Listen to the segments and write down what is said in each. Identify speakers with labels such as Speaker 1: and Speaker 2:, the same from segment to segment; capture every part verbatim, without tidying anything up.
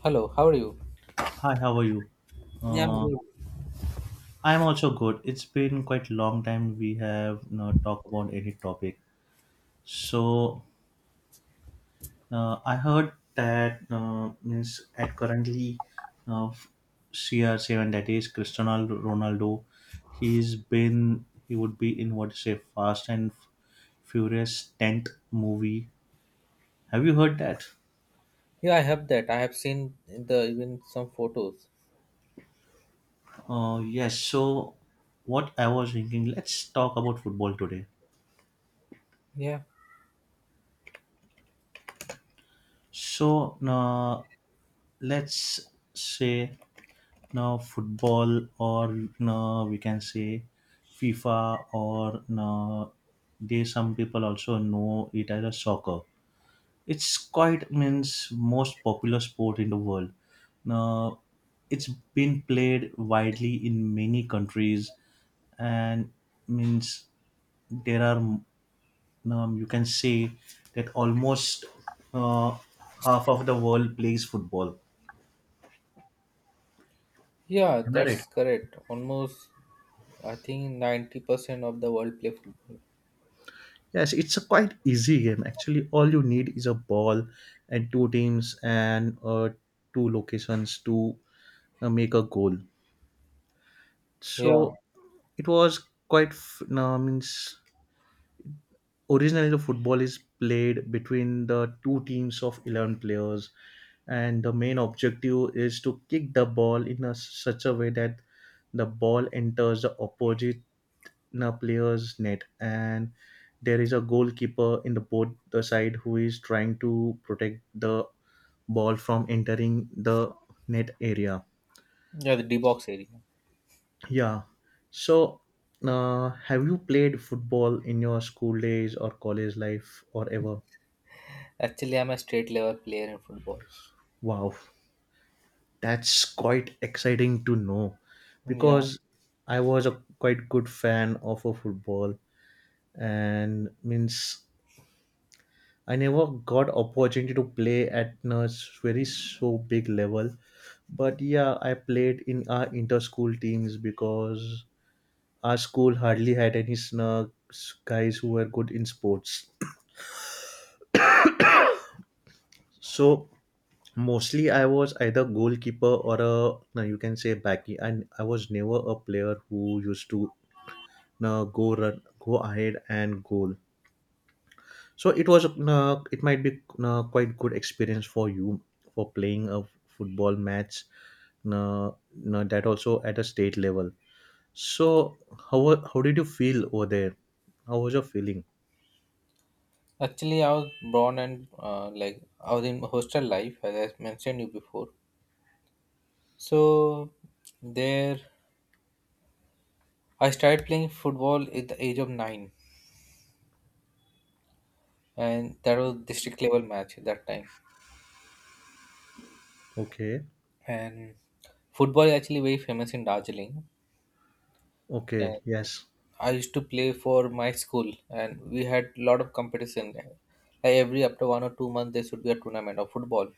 Speaker 1: Hello, how are you?
Speaker 2: Hi, how are you?
Speaker 1: Yeah, I'm
Speaker 2: Uh,
Speaker 1: good.
Speaker 2: I'm also good. It's been quite a long time we have not talked about any topic. So uh, I heard that uh, means at currently uh, C R seven, that is Cristiano Ronaldo, he's been he would be in what you say Fast and Furious tenth movie. Have you heard that?
Speaker 1: Yeah, I have that. I have seen in the even some photos.
Speaker 2: Uh, yes. So what I was thinking, let's talk about football today.
Speaker 1: Yeah,
Speaker 2: So, uh, let's say now football, or no, we can say FIFA, or no, they, some people also know it as a soccer. It's quite means most popular sport in the world. Now it's been played widely in many countries, and means there are, um, you can say, that almost uh, half of the world plays football.
Speaker 1: yeah,
Speaker 2: Am I right?
Speaker 1: that's correct. Almost, I think ninety percent of the world play football.
Speaker 2: Yes, it's a quite easy game actually. All you need is a ball and two teams and uh, two locations to uh, make a goal.
Speaker 1: Yeah,
Speaker 2: So it was quite f- no, means originally the football is played between the two teams of eleven players, and the main objective is to kick the ball in a, such a way that the ball enters the opposite in a player's net. And there is a goalkeeper in the both the side who is trying to protect the ball from entering the net area.
Speaker 1: yeah, the D box area.
Speaker 2: Yeah, so uh, have you played football in your school days or college life or ever?
Speaker 1: Actually, I'm a state level player in football.
Speaker 2: Wow, that's quite exciting to know,
Speaker 1: Yeah,
Speaker 2: because I was a quite good fan of a football, and means I never got opportunity to play at a very so big level, but yeah, I played in our inter-school teams because our school hardly had any snugs guys who were good in sports. So mostly I was either goalkeeper or a, no, you can say backy, and I was never a player who used to, no, go run, go ahead and goal. So it was uh, it might be uh, quite good experience for you for playing a football match, uh, uh, that also at a state level. So how wa- how did you feel over there? How was your feeling?
Speaker 1: actually, I was born and uh, like I was in hostel life, as I mentioned you before. So there, I started playing football at the age of nine, and that was district level match at that time.
Speaker 2: Okay,
Speaker 1: And football is actually very famous in Darjeeling.
Speaker 2: okay,
Speaker 1: And
Speaker 2: yes.
Speaker 1: I used to play for my school, and we had a lot of competition. Like every after one or two months, there should be a tournament of football.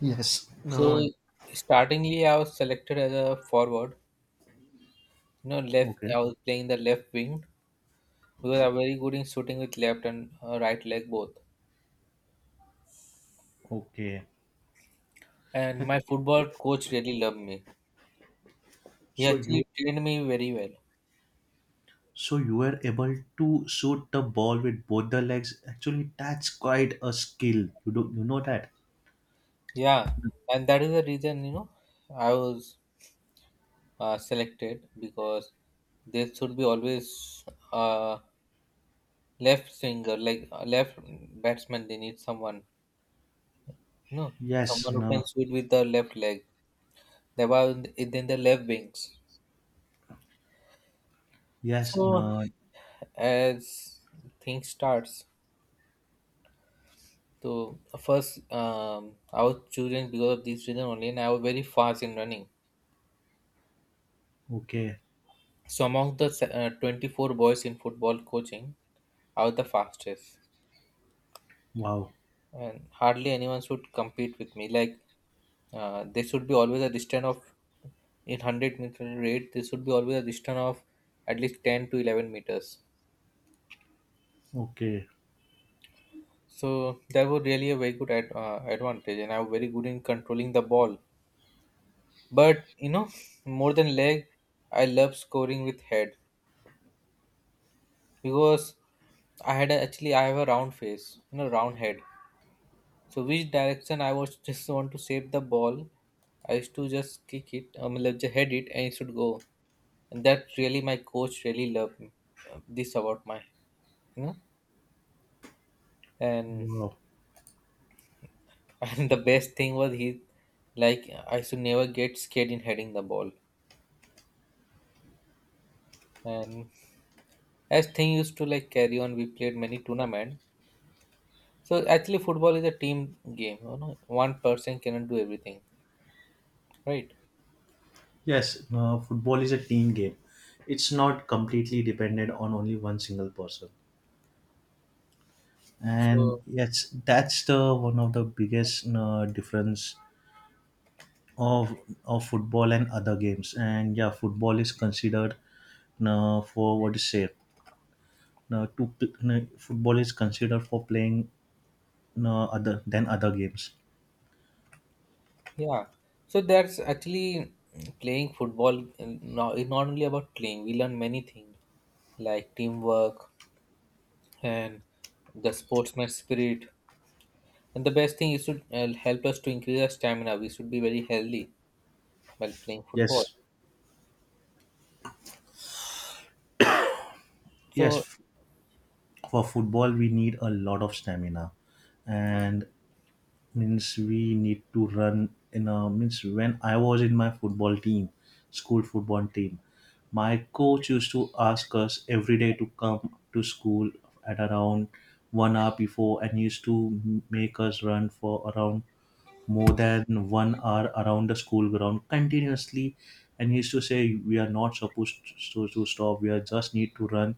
Speaker 2: Yes.
Speaker 1: So,
Speaker 2: No.
Speaker 1: startingly, I was selected as a forward. You know, left.
Speaker 2: Okay,
Speaker 1: I was playing the left wing because I'm very good in shooting with left and uh, right leg both.
Speaker 2: okay.
Speaker 1: And my football coach really loved me. He
Speaker 2: So you
Speaker 1: actually trained me very well.
Speaker 2: so you were able to shoot the ball with both the legs. Actually, that's quite a skill. You Do you know that?
Speaker 1: Yeah, and that is the reason you know I was uh, selected because there should be always a left swinger, like a left batsman. They need someone, you know,
Speaker 2: Yes,
Speaker 1: someone who can
Speaker 2: no,
Speaker 1: shoot with the left leg. They were then the left wings.
Speaker 2: yes,
Speaker 1: So
Speaker 2: no.
Speaker 1: as things starts, so first um, I was chosen because of this reason only, and I was very fast in running.
Speaker 2: Okay,
Speaker 1: So among the se- uh, twenty-four boys in football coaching, I was the fastest.
Speaker 2: wow.
Speaker 1: And hardly anyone should compete with me. Like uh, there should be always a distance of in one hundred meter rate. There should be always a distance of at least ten to eleven meters.
Speaker 2: Okay.
Speaker 1: So that was really a very good ad, uh, advantage, and I'm very good in controlling the ball. But you know, more than leg, I love scoring with head because I had a, actually I have a round face, you know, round head. So which direction I was just want to save the ball, I used to just kick it, um, like, just head it, and it should go. And that really my coach really loved me, uh, this about my, you know. And
Speaker 2: Wow.
Speaker 1: and the best thing was he, like I should never get scared in heading the ball. And as thing used to like carry on, we played many tournament. So actually, football is a team game. You know, one person cannot do everything, right?
Speaker 2: Yes, uh, football is a team game. It's not completely dependent on only one single person. And
Speaker 1: So,
Speaker 2: yes, that's the one of the biggest uh, difference of of football and other games. And yeah, football is considered uh, for what is to say. Uh, to pl- uh, football is considered for playing uh, other than other games.
Speaker 1: yeah, so that's actually mm, playing football. mm, Now, it's not only about playing, we learn many things like teamwork and the sportsman spirit. And the best thing is to uh, help us to increase our stamina. We should be very healthy while playing football.
Speaker 2: Yes, yes.
Speaker 1: So,
Speaker 2: f- For football, we need a lot of stamina, and means we need to run in a means when I was in my football team, school football team, my coach used to ask us every day to come to school at around one hour before, and used to make us run for around more than one hour around the school ground continuously, and used to say we are not supposed to, so, to stop, we are just need to run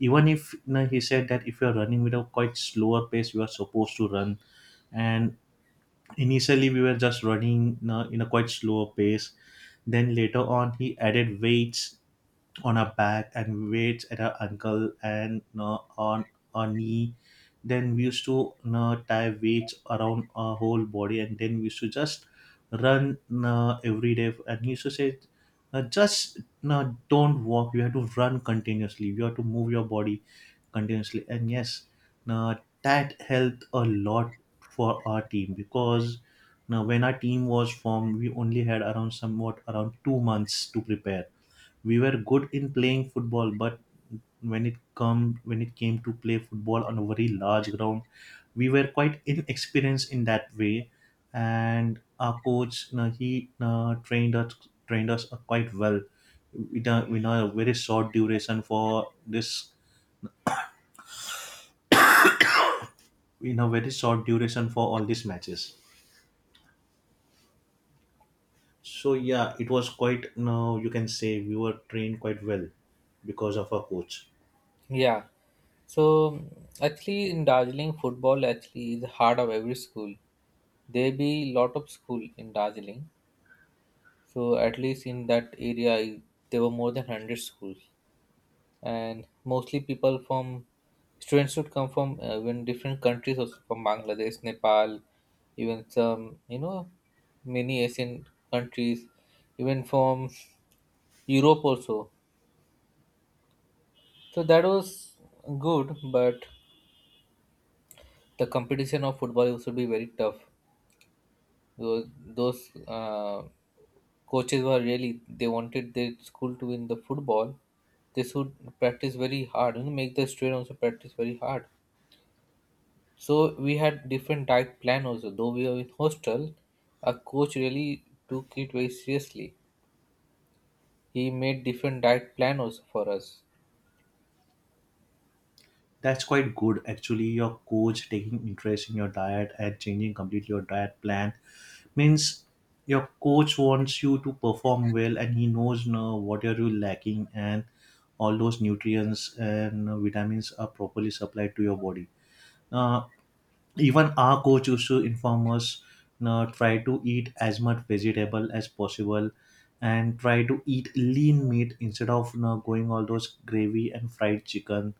Speaker 2: even if, you know, he said that if you are running with a quite slower pace you are supposed to run. And initially, we were just running uh, in a quite slower pace. Then later on, he added weights on our back, and weights at our ankle and uh, on our knee. Then we used to uh, tie weights around our whole body, and then we used to just run uh, every day. And he used to say, uh, "Just uh, don't walk. You have to run continuously. You have to move your body continuously." And yes, uh, that helped a lot for our team, because now when our team was formed we only had around somewhat around two months to prepare. We were good in playing football, but when it come when it came to play football on a very large ground we were quite inexperienced in that way. And our coach now he uh, trained us, trained us uh, quite well in a, in a very short duration for this, in a very short duration for all these matches. So yeah, it was quite, now you can say, we were trained quite well because of our coach.
Speaker 1: yeah, so mm, actually, in Darjeeling, football actually is the heart of every school. There be lot of school in Darjeeling. So at least in that area, I- there were more than hundred schools. And mostly people from students would come from uh, even different countries, also from Bangladesh, Nepal, even some, you know, many Asian countries, even from Europe also. So that was good, but the competition of football used to be very tough. Those, those uh, coaches were really, they wanted their school to win the football. They should practice very hard and make the student also practice very hard. So we had different diet plan also. Though we were in hostel, our coach really took it very seriously. He made different diet plan also for us.
Speaker 2: That's quite good actually. Your coach taking interest in your diet and changing completely your diet plan, means your coach wants you to perform well, and he knows now what are you lacking, and all those nutrients and vitamins are properly supplied to your body. Uh, Even our coach used to inform us, "Now try to eat as much vegetable as possible, and try to eat lean meat instead of, you know, going all those gravy and fried chicken."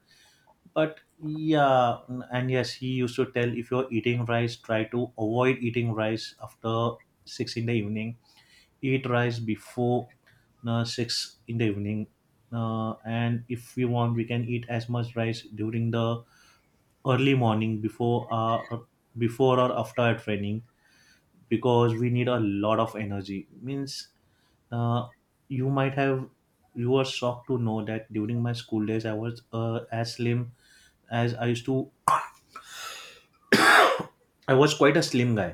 Speaker 2: But yeah, and yes, he used to tell if you're eating rice, try to avoid eating rice after six in the evening. Eat rice before uh, six in the evening. Uh, and if we want we can eat as much rice during the early morning before uh before or after our training, because we need a lot of energy, means uh, you might have, you are shocked to know that during my school days I was uh, as slim as I used to, I was quite a slim guy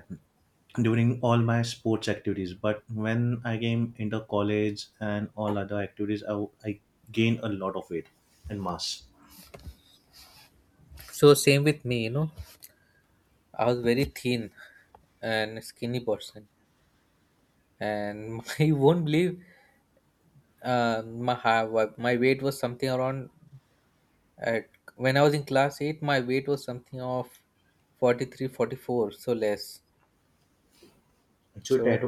Speaker 2: during all my sports activities, but when I came into college and all other activities i, I gained a lot of weight and mass.
Speaker 1: So same with me, you know. I was very thin and skinny person, and you won't believe uh, my ha- wa- my weight was something around at when I was in class eight. My weight was something of forty three, forty four. So less.
Speaker 2: Actually that
Speaker 1: So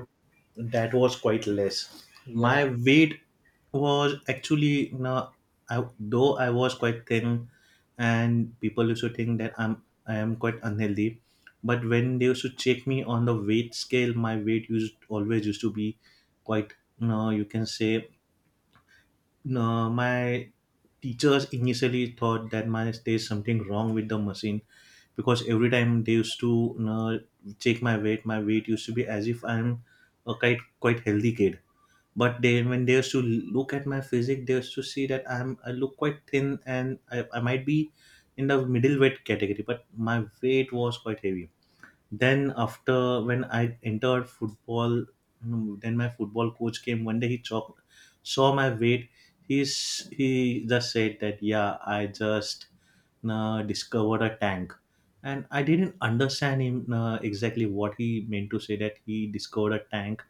Speaker 2: that was quite less. My
Speaker 1: yeah,
Speaker 2: weight was actually now I, though I was quite thin and people used to think that i'm I am quite unhealthy, but when they used to check me on the weight scale my weight used always used to be quite, you know, you can say, no, my teachers initially thought that my there's something wrong with the machine, because every time they used to, you know, check my weight, my weight used to be as if I'm a quite quite healthy kid. But they, when they used to look at my physique, they used to see that I'm I look quite thin, and I, I might be in the middleweight category, but my weight was quite heavy. Then after when I entered football, mm, then my football coach came one day, he chalk, saw my weight, he's he just said that yeah I just uh, discovered a tank. And I didn't understand him uh, exactly what he meant to say that he discovered a tank.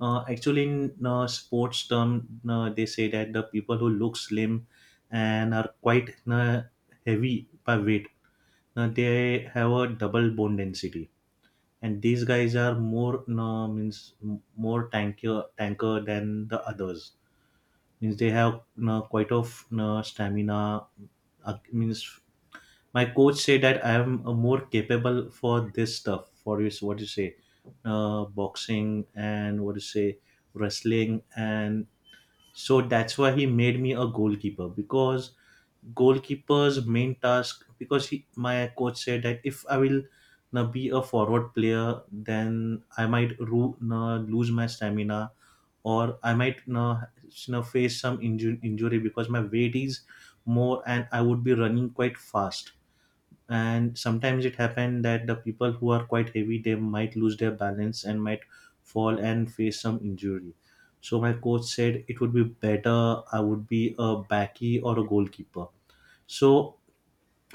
Speaker 2: uh, Actually in uh, sports term uh, they say that the people who look slim and are quite uh, heavy by weight uh, they have a double bone density, and these guys are more, no, means m- more tanker tanker than the others, means they have, no, quite of, no, stamina, uh, means my coach said that I am uh, more capable for this stuff, for is what you say uh, boxing and what you say wrestling. And so that's why he made me a goalkeeper, because goalkeeper's main task, because he, my coach said that if I will na be a forward player, then I might ru- na lose my stamina, or I might na na face some inju- injury because my weight is more and I would be running quite fast. And sometimes it happened that the people who are quite heavy they might lose their balance and might fall and face some injury. So my coach said it would be better I would be a backy or a goalkeeper. So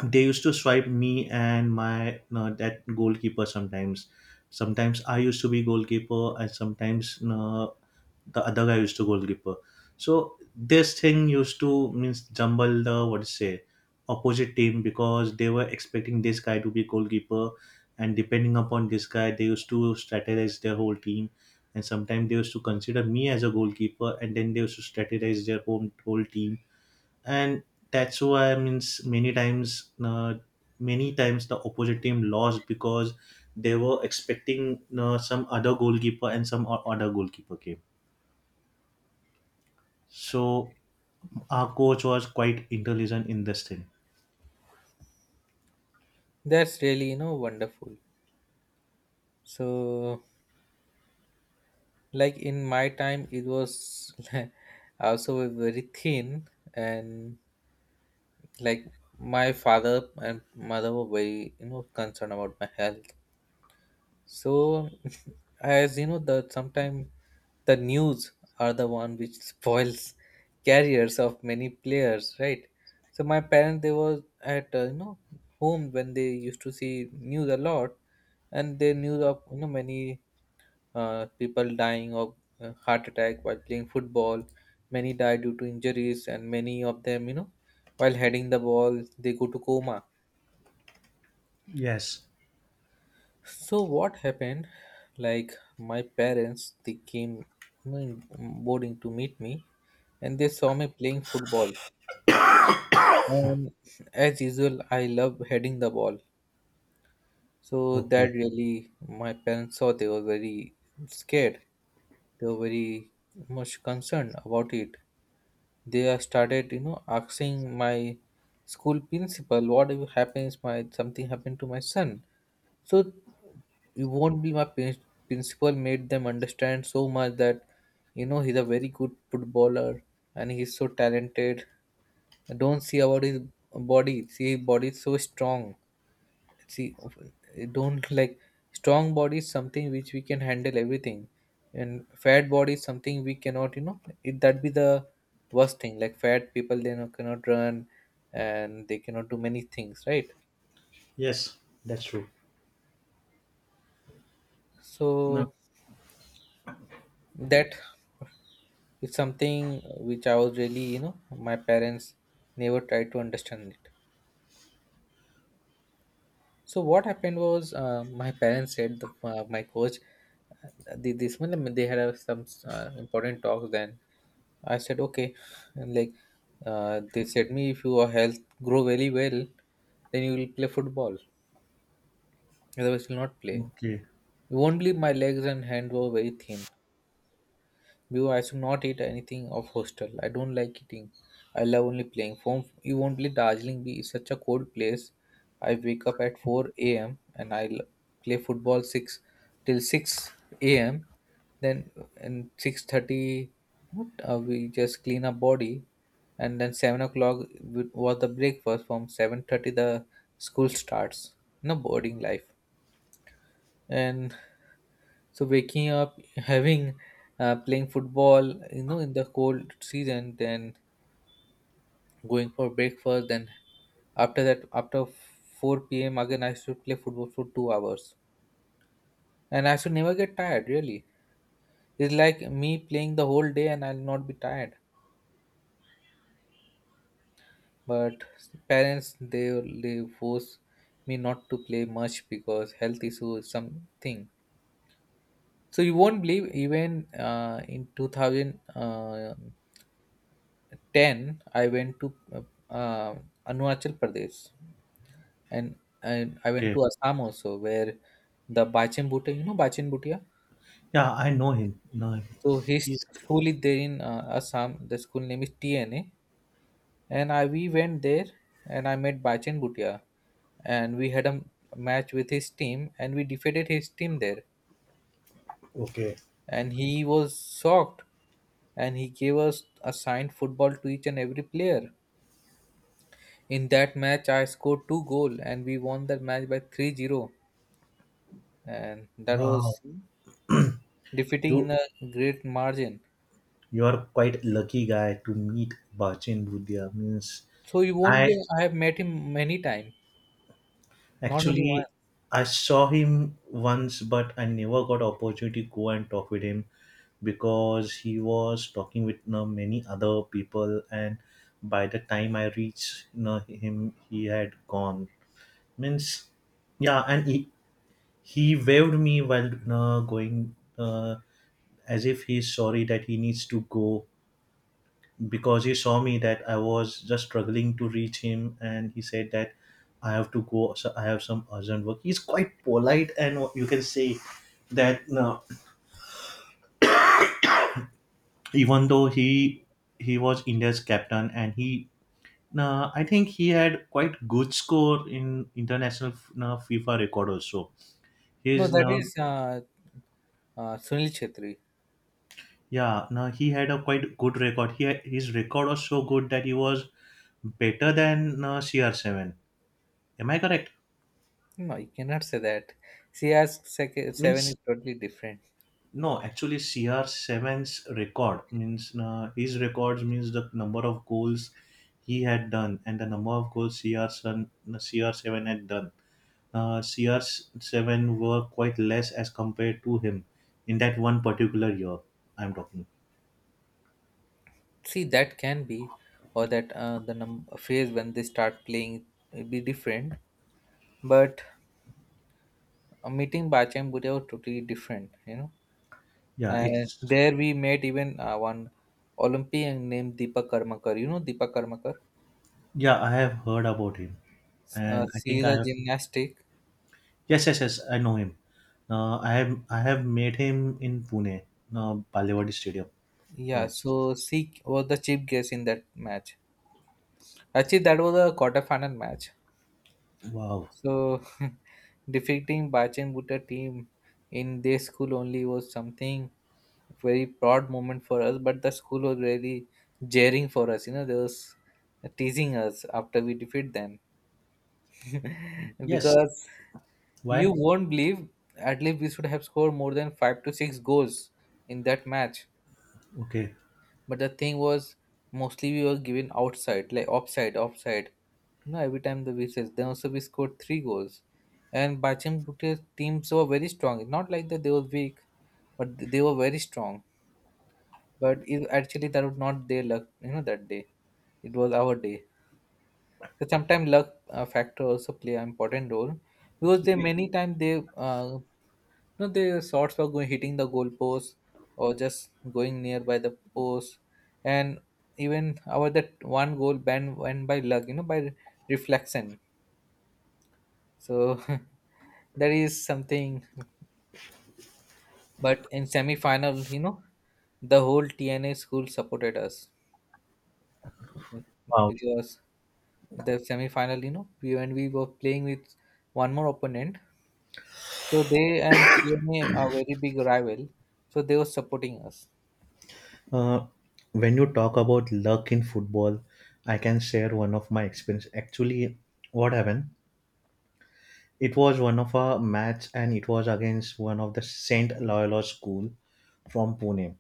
Speaker 2: they used to swipe me and my, no, that goalkeeper, sometimes sometimes I used to be goalkeeper and sometimes, no, the other guy used to goalkeeper. So this thing used to means jumble the what to say opposite team, because they were expecting this guy to be goalkeeper and depending upon this guy they used to strategize their whole team, and sometimes they used to consider me as a goalkeeper and then they used to strategize their whole, whole team. And that's why I, means many times, uh, many times the opposite team lost because they were expecting uh, some other goalkeeper and some o- other goalkeeper came. So our coach was quite intelligent in this thing.
Speaker 1: that's really you know wonderful. So like in my time it was also very thin, and like my father and mother were very, you know, concerned about my health. So as you know, the sometimes the news are the one which spoils careers of many players, right? So my parents, they were at uh, you know home when they used to see news a lot, and they knew of you know many uh, people dying of uh, heart attack while playing football. Many die due to injuries, and many of them, you know, while heading the ball, they go to coma.
Speaker 2: Yes.
Speaker 1: So what happened? Like my parents, they came, you know, in um, boarding to meet me, and they saw me playing football. And as usual, I love heading the ball. So
Speaker 2: Okay.
Speaker 1: that really, my parents saw they were very scared. They were very much concerned about it. They have started, you know asking my school principal what if happens my something happened to my son. So you won't be my prin- principal made them understand so much that you know he's a very good footballer and he's so talented. Don't see about his body, see his body is so strong. See, don't like, strong body is something which we can handle everything, and fat body is something we cannot, you know, it that be the worst thing. Like fat people, they know, cannot run, and they cannot do many things, right?
Speaker 2: Yes, that's true. No.
Speaker 1: So that is something which I was really, you know my parents never tried to understand it. So what happened was, uh, my parents said the, uh, my coach, uh, the, this one, they had uh, some uh, important talks. Then I said, okay. And like, uh, they said me, if your health grow very well, then you will play football. Otherwise, you will not play.
Speaker 2: Okay.
Speaker 1: You won't believe my legs and hand were very thin. Because I should not eat anything of hostel. I don't like eating. I love only playing. Phone, you won't believe Darjeeling Be is such a cold place. I wake up at four a m and I l- play football six till six a m. Then in six thirty, what, uh, we just clean our body. And then seven o'clock w- was the breakfast. From seven thirty, the school starts. No boarding life. And so waking up, having, uh, playing football, you know, in the cold season, then going for breakfast, then after that, after four p m again, I should play football for two hours, and I should never get tired. Really, it's like me playing the whole day, and I'll not be tired. But parents, they they force me not to play much because health issue is something. So you won't believe, even uh, in two thousand. Uh, ten I went to uh, uh, Arunachal Pradesh, and and I went
Speaker 2: Okay.
Speaker 1: to Assam also where the Bachin Bhutia, you know Bachin Bhutia.
Speaker 2: Yeah, I know him. No,
Speaker 1: So his
Speaker 2: he's
Speaker 1: school is there in uh, Assam. The school name is TNA, and I we went there, and I met Bachin Bhutia, and we had a m- match with his team, and we defeated his team there.
Speaker 2: okay.
Speaker 1: And he was shocked, and he gave us assigned football to each and every player. In that match, I scored two goal and we won that match by three zero, and that
Speaker 2: Wow,
Speaker 1: was, hmm? Defeating
Speaker 2: you
Speaker 1: in a great margin.
Speaker 2: you are quite lucky guy to meet Bachin Budhia. Means
Speaker 1: So you won't
Speaker 2: I
Speaker 1: believe, I have met him many times, not only
Speaker 2: actually,
Speaker 1: once.
Speaker 2: I saw him once, but I never got opportunity to go and talk with him because he was talking with, you know, many other people, and by the time I reached, you know, him, he had gone. Means, yeah, and he, he waved me while, you know, going uh, as if he's sorry that he needs to go because he saw me that I was just struggling to reach him, and he said that I have to go. So I have some urgent work. He's quite polite, and you can say that uh, even though he he was India's captain, and he uh, I think he had quite good score in international uh, FIFA record also.
Speaker 1: No,
Speaker 2: He's
Speaker 1: that
Speaker 2: now.
Speaker 1: is uh, uh, Sunil Chhetri.
Speaker 2: Yeah, now he had a quite good record. He had, his record was so good that he was better than uh, C R seven. Am I correct?
Speaker 1: No, you cannot say that. See, as sec- seven
Speaker 2: Means,
Speaker 1: is totally different.
Speaker 2: no, actually, CR seven's record, means uh, his records, means the number of goals he had done and the number of goals C R seven, C R seven had done. Uh, C R seven were quite less as compared to him in that one particular year. I'm talking.
Speaker 1: See, that can be, or that uh, the num- phase when they start playing will be different. But uh, meeting Bachchan Bhutia was totally different, you know.
Speaker 2: Yeah,
Speaker 1: And
Speaker 2: it's
Speaker 1: there we met even uh, one Olympian named Deepa Karmakar. You know Deepa Karmakar?
Speaker 2: yeah. I have heard about him,
Speaker 1: S- Uh,
Speaker 2: and I
Speaker 1: she
Speaker 2: think
Speaker 1: is
Speaker 2: I
Speaker 1: a
Speaker 2: have.
Speaker 1: gymnastic.
Speaker 2: Yes,
Speaker 1: Okay.
Speaker 2: yes, yes. I know him. Uh, I have I have met him in Pune, uh, Balewadi Stadium
Speaker 1: Yeah.
Speaker 2: once.
Speaker 1: So she was the chief guest in that match. Actually, that was a quarterfinal match.
Speaker 2: Wow.
Speaker 1: So defeating Bachan Bhutta team in their school only was something very proud moment for us. But the school was really jeering for us. You know, they was teasing us after we defeat them
Speaker 2: Yes.
Speaker 1: because you
Speaker 2: Why?
Speaker 1: won't believe, at least we should have scored more than five to six goals in that match.
Speaker 2: Okay.
Speaker 1: But the thing was, mostly we were given outside, like offside, offside. You know, every time the whistles. Then also we scored three goals. And Bachan Bhutia's teams were very strong. Not like that they were weak, but they were very strong. But it, actually, that was not their luck, you know, that day it was our day. So sometimes luck uh, factor also play an important role because they many times they uh, no, the shots were going hitting the goal post or just going nearby the post. And even our that one goal ban went by luck, you know, by reflection. So that is something. But in semi final, you know, the whole T N A school supported us
Speaker 2: Wow.
Speaker 1: because the semi final, you know, we, when we were playing with one more opponent, so they and T N A are very big rival, so they were supporting us.
Speaker 2: Uh, when you talk about luck in football, I can share one of my experience. Actually, what happened? It was one of our match, and it was against one of the Saint Loyola school from Pune.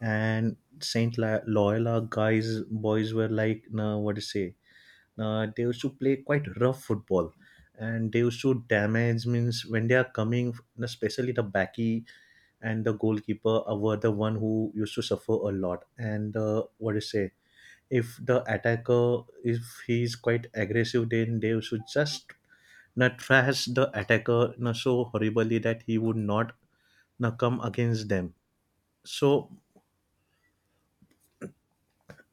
Speaker 2: And Saint La- Loyola guys, boys were like, nah, what to say? Nah, they used to play quite rough football, and they used to damage, means when they are coming, especially the backy and the goalkeeper uh, were the one who used to suffer a lot. And uh, what do you say? If the attacker, if he's quite aggressive, then they should just not trash the attacker, na, so horribly that he would not, na, come against them. So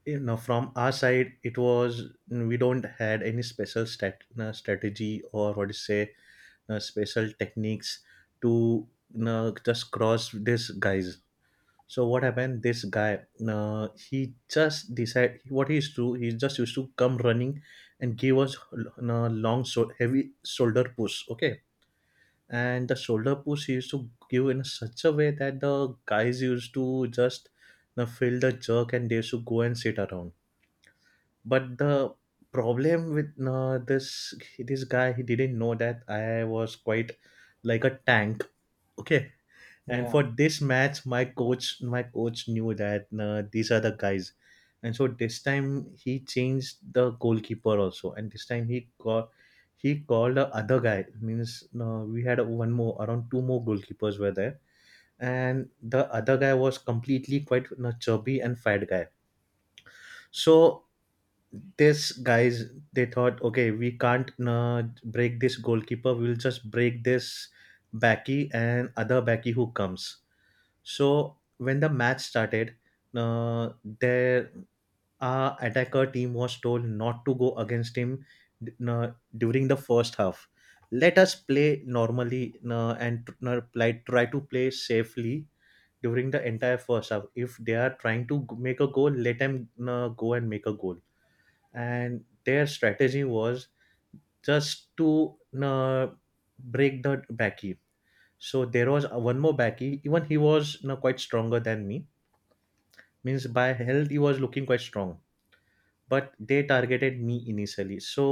Speaker 2: you know, from our side, it was we don't had any special stat, na, strategy, or what do you say, na, special techniques to, na, just cross these guys. So what happened? This guy, uh, he just decided what he used to. He just used to come running, and give us a long, so heavy shoulder push. Okay, and the shoulder push he used to give in such a way that the guys used to just you know, feel the jerk, and they used to go and sit around. But the problem with uh, this this guy, he didn't know that I was quite like a tank. Okay, and
Speaker 1: Yeah,
Speaker 2: for this match my coach my coach knew that uh, these are the guys, and so this time he changed the goalkeeper also, and this time he got he called the other guy, means uh, we had one more, around two more goalkeepers were there, and the other guy was completely quite a chubby and fat guy. So this guys, they thought, okay, we can't uh, break this goalkeeper, we'll just break this backy and other backy who comes. So when the match started, uh, their our attacker team was told not to go against him uh, during the first half. Let us play normally, uh, and uh, like, try to play safely during the entire first half. If they are trying to g- make a goal, let them uh, go and make a goal. And their strategy was just to uh, break the backy. So there was one more backy. Even he was you quite stronger than me, means by health he was looking quite strong. But they targeted me initially, so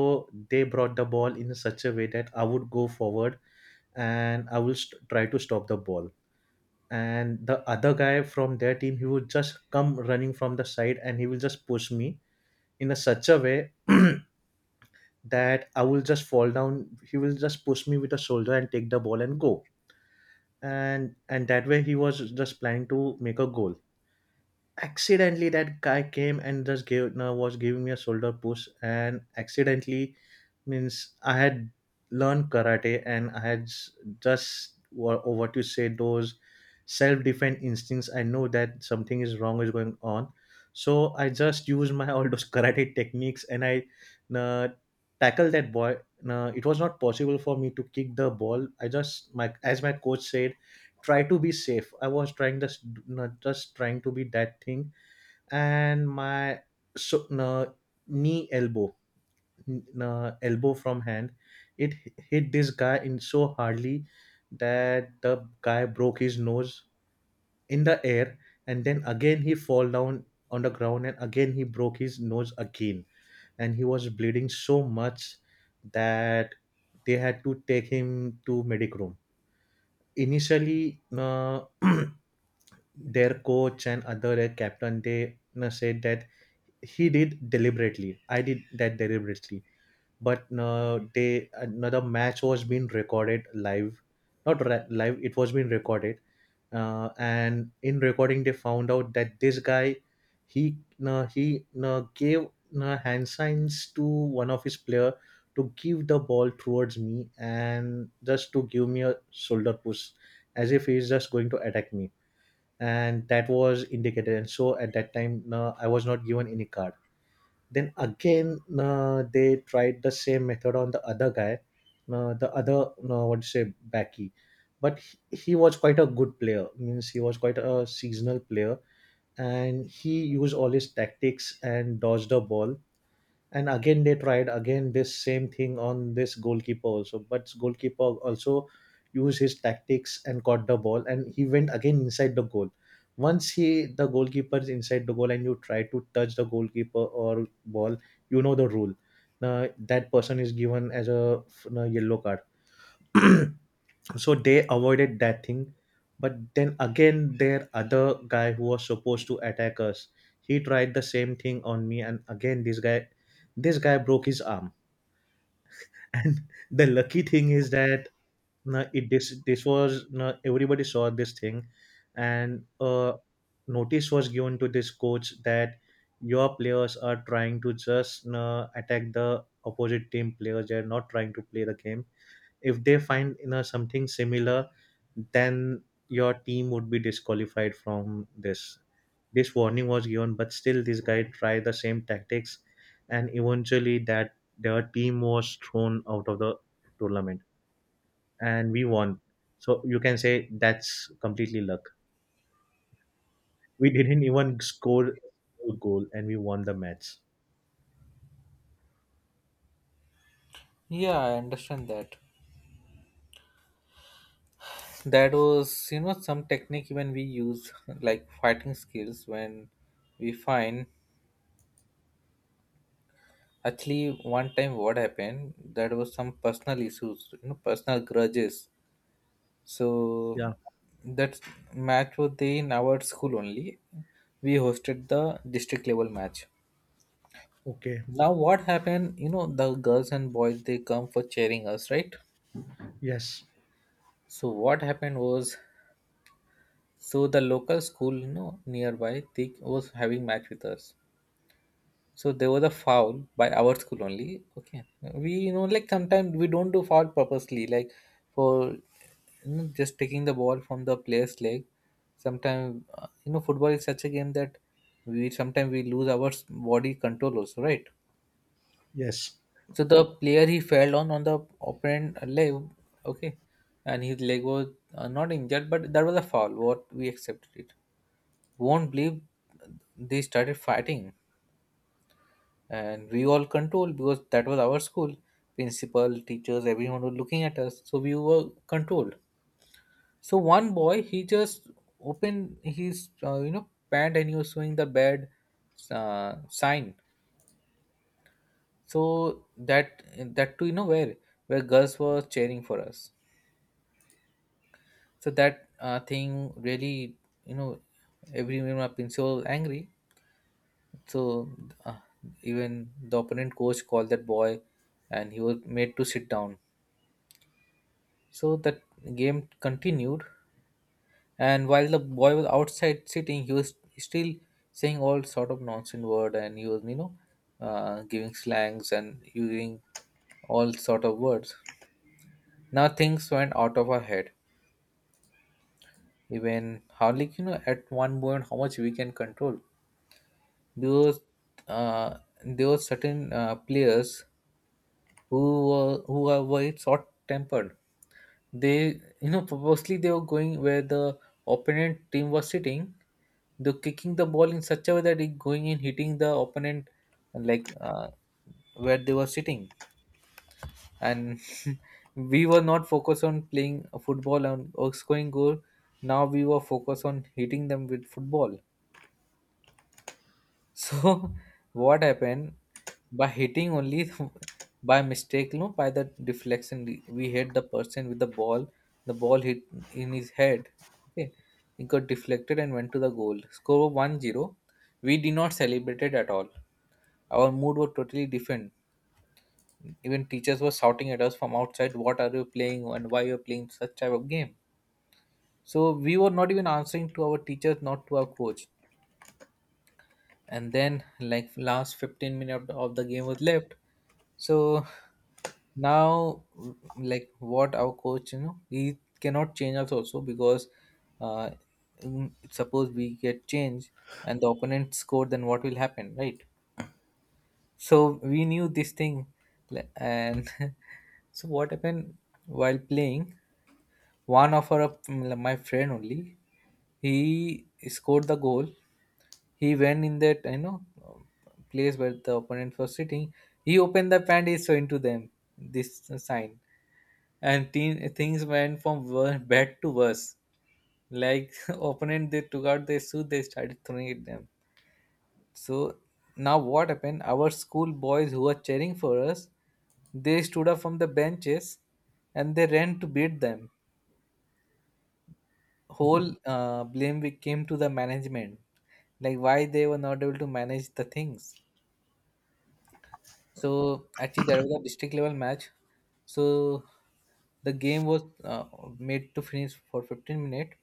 Speaker 2: they brought the ball in such a way that I would go forward and I will st- try to stop the ball, and the other guy from their team, he would just come running from the side and he will just push me in a such a way that I will just fall down. He will just push me with a shoulder and take the ball and go. And and that way he was just planning to make a goal. Accidentally that guy came and just gave no, was giving me a shoulder push, and accidentally, means I had learned karate and I had s- just wha- or what you say, those self-defense instincts, I know that something is wrong is going on. So I just used my all those karate techniques, and I, uh, tackled that boy. uh, it was not possible for me to kick the ball. I just my, as my coach said, try to be safe. I was trying, just not just trying to be that thing. And my, so, uh, knee, elbow, n- uh, elbow from hand, it h- hit this guy in so hardly that the guy broke his nose in the air. And then again he fall down on the ground, and again he broke his nose again. And he was bleeding so much that they had to take him to medic room. Initially, uh, their coach and other uh, captain, they you said that he did deliberately. I did that deliberately. But no, they, another match was being recorded live, not ra- live. It was being recorded. uh, and in recording they found out that this guy, he no, he no, gave no, hand signs to one of his player to give the ball towards me and just to give me a shoulder push, as if he's just going to attack me. And that was indicated. And so at that time, no, I was not given any card. Then again, uh, they tried the same method on the other guy, uh, the other, uh, what do you say, Backy. But he, he was quite a good player. Means he was quite a seasonal player, and he used all his tactics and dodged the ball. And again they tried again this same thing on this goalkeeper also, but goalkeeper also used his tactics and caught the ball, and he went again inside the goal. Once he, the goalkeeper, is inside the goal and you try to touch the goalkeeper or ball, you know the rule. Now that person is given as a a yellow card. So they avoided that thing. But then again, their other guy who was supposed to attack us, he tried the same thing on me, and again this guy this guy broke his arm. And the lucky thing is that, no, it this this was, no, everybody saw this thing. And uh, notice was given to this coach that your players are trying to just, no, attack the opposite team players, they're not trying to play the game. If they find, you know something similar, then your team would be disqualified from this. This warning was given, but still this guy tried the same tactics, and eventually that their team was thrown out of the tournament, and we won. So you can say that's completely luck. We didn't even score a goal and we won the match.
Speaker 1: yeah, I understand that. That was you know some technique even we use like fighting skills when we find. Actually one time what happened, that was some personal issues, you know, personal grudges. So
Speaker 2: Yeah.
Speaker 1: that match was there in our school only. We hosted the district level match.
Speaker 2: Okay.
Speaker 1: Now what happened, you know, the girls and boys they come for cheering us, right?
Speaker 2: Yes,
Speaker 1: So what happened was, so the local school, you know, nearby, they was having match with us. So there was a foul by our school only. Okay, we, you know, like sometimes we don't do foul purposely, like for you know, just taking the ball from the player's leg. Sometimes uh, you know, football is such a game that we sometimes we lose our s- body control also, right?
Speaker 2: yes.
Speaker 1: So the player he fell on on the opponent leg, okay, and his leg was uh, not injured, but that was a foul. What, we accepted it. Won't believe, they started fighting. And we all controlled because that was our school, principal, teachers, everyone was looking at us, so we were controlled. So one boy he just opened his uh, you know pant and he was showing the bad uh, sign. So that that too, you know, where where girls were cheering for us. So that uh, thing really, you know everyone, my principal was angry. So uh, even the opponent coach called that boy and he was made to sit down. So that game continued, and while the boy was outside sitting, he was still saying all sort of nonsense word, and he was, you know, uh, giving slangs and using all sort of words. Now things went out of our head. Even how, like, you know, at one point how much we can control, because uh, there were certain uh, players who were who are very short tempered. They, you know, purposely they were going where the opponent team was sitting. They're kicking the ball in such a way that it going in hitting the opponent, like uh, where they were sitting. And we were not focused on playing football and or scoring goal. Now we were focused on hitting them with football. So what happened, by hitting only, by mistake, no, by the deflection, we we hit the person with the ball. The ball hit in his head. Okay, it got deflected and went to the goal. Score one zero. We did not celebrate it at all. Our mood was totally different. Even teachers were shouting at us from outside, "What are you playing and why you are playing such type of game?" So we were not even answering to our teachers, not to our coach. And then, like, last fifteen minutes of the game was left. So now, like, what our coach, you know, he cannot change us also, because uh, mm, suppose we get changed and the opponent score, then what will happen, right? So we knew this thing, le- and so what happened while playing? One of our mm, my friend only, he scored the goal. He went in that, you know, place where the opponent was sitting. He opened the pant, he saw into them this sign, and teen, things went from wor- bad to worse. Like opponent, they took out their suit, they started throwing at them. So now what happened? Our school boys who were cheering for us, they stood up from the benches and they ran to beat them. Whole uh, blame we came to the management, like why they were not able to manage the things. So actually, there was a district level match. So the game was uh, made to finish for fifteen minutes,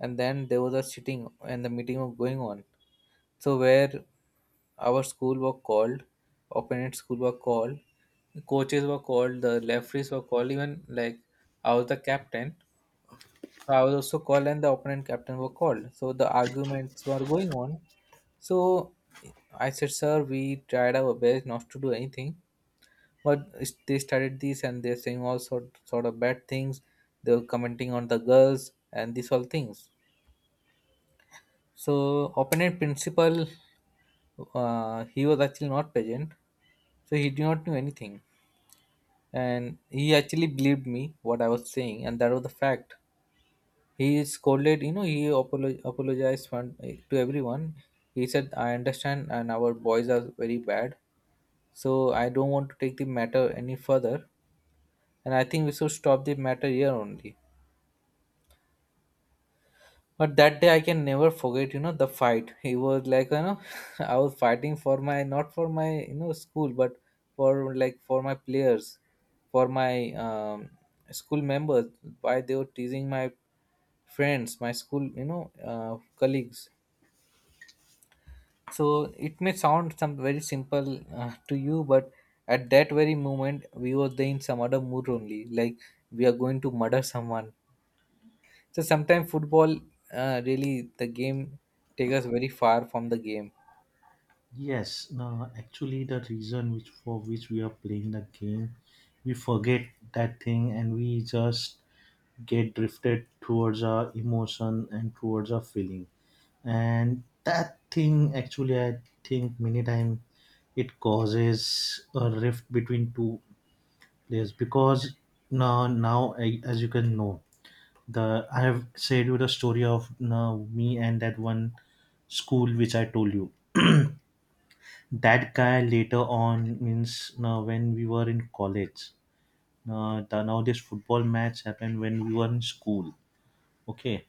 Speaker 1: and then there was a sitting and the meeting was going on. So where our school were called, opponent school were called, coaches were called, the referees were called. Even, like, I was the captain, so I was also called, and the opponent captain were called. So the arguments were going on. So I said, sir, we tried our best not to do anything, but s- they started this and they're saying all sort, sort of bad things, they were commenting on the girls and these all things. So opponent principal, uh, he was actually not present, so he did not know anything. And he actually believed me what I was saying, and that was the fact. He scolded, you know, he apolo- apologized one- to everyone. He said, I understand, and our boys are very bad, so I don't want to take the matter any further, and I think we should stop the matter here only. But that day I can never forget, you know, the fight. It was like, you know, I was fighting for my, not for my, you know, school, but for, like, for my players, for my um, school members, why they were teasing my friends, my school, you know, uh, colleagues. So it may sound some very simple uh, to you, but at that very moment we were there in some other mood only, like we are going to murder someone. So sometimes football, uh, really, the game take us very far from the game.
Speaker 2: Yes, no, actually, the reason which, for which we are playing the game, we forget that thing and we just get drifted towards our emotion and towards our feeling. And that thing, actually, I think many times it causes a rift between two players. Because now, now I- as you can know, the I have said you the story of now me and that one school which I told you. That guy later on, means uh, when we were in college. Uh, the, now this football match happened when we were in school. Okay,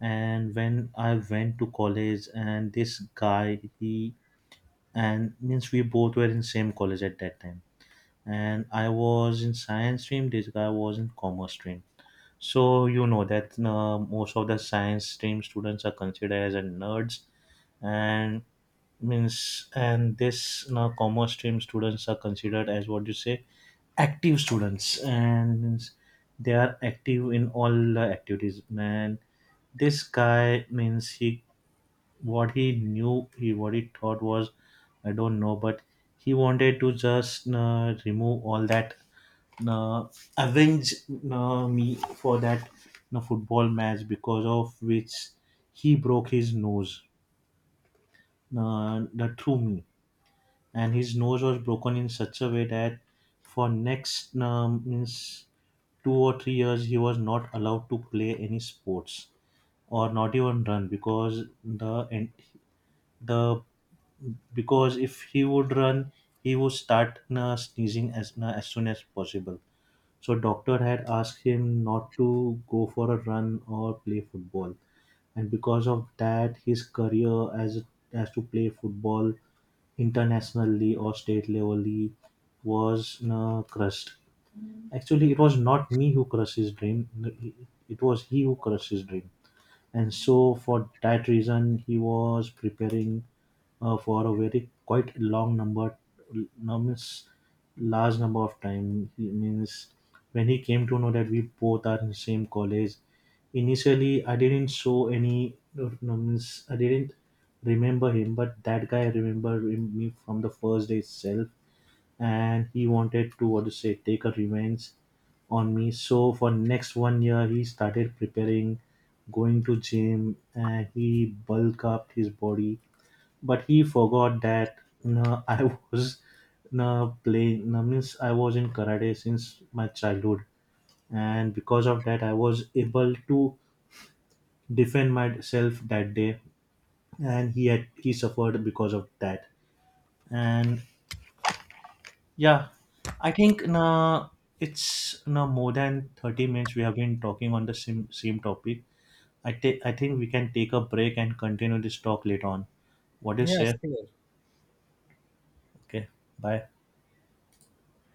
Speaker 2: and when I went to college, and this guy, he and means we both were in same college at that time, and I was in science stream. This guy was in commerce stream. So you know that uh, most of the science stream students are considered as a nerds, and means, and this uh, commerce stream students are considered as, what you say, active students, and means they are active in all the activities. Man, this guy, means he what he knew, he what he thought was, I don't know, but he wanted to just uh, remove all that uh, avenge uh, me for that uh, football match, because of which he broke his nose, uh, the through me. And his nose was broken in such a way that for next um, means two or three years he was not allowed to play any sports or not even run. Because the and the because if he would run, he would start uh, sneezing as as soon as possible. So doctor had asked him not to go for a run or play football. And because of that his career as as to play football internationally or state levelly was uh, crushed. Actually it was not me who crushed his dream, it was he who crushed his dream. And so for that reason he was preparing uh, for a very quite long number, no, means large number of time, he means, when he came to know that we both are in same college, initially I didn't show any, no, means I didn't remember him, but that guy remembered him- me from the first day itself. And he wanted to, what to say, take a revenge on me. So for next one year he started preparing, going to gym, and he bulk up his body. But he forgot that, no, I was, no, playing, no, means I was in karate since my childhood, and because of that I was able to defend myself that day. And he had he suffered because of that. And yeah, I think, na, it's, na, more than thirty minutes we have been talking on the same same topic. I take I think we can take a break and continue this talk later on. What do you
Speaker 1: Yes,
Speaker 2: say?
Speaker 1: sure.
Speaker 2: Okay, bye.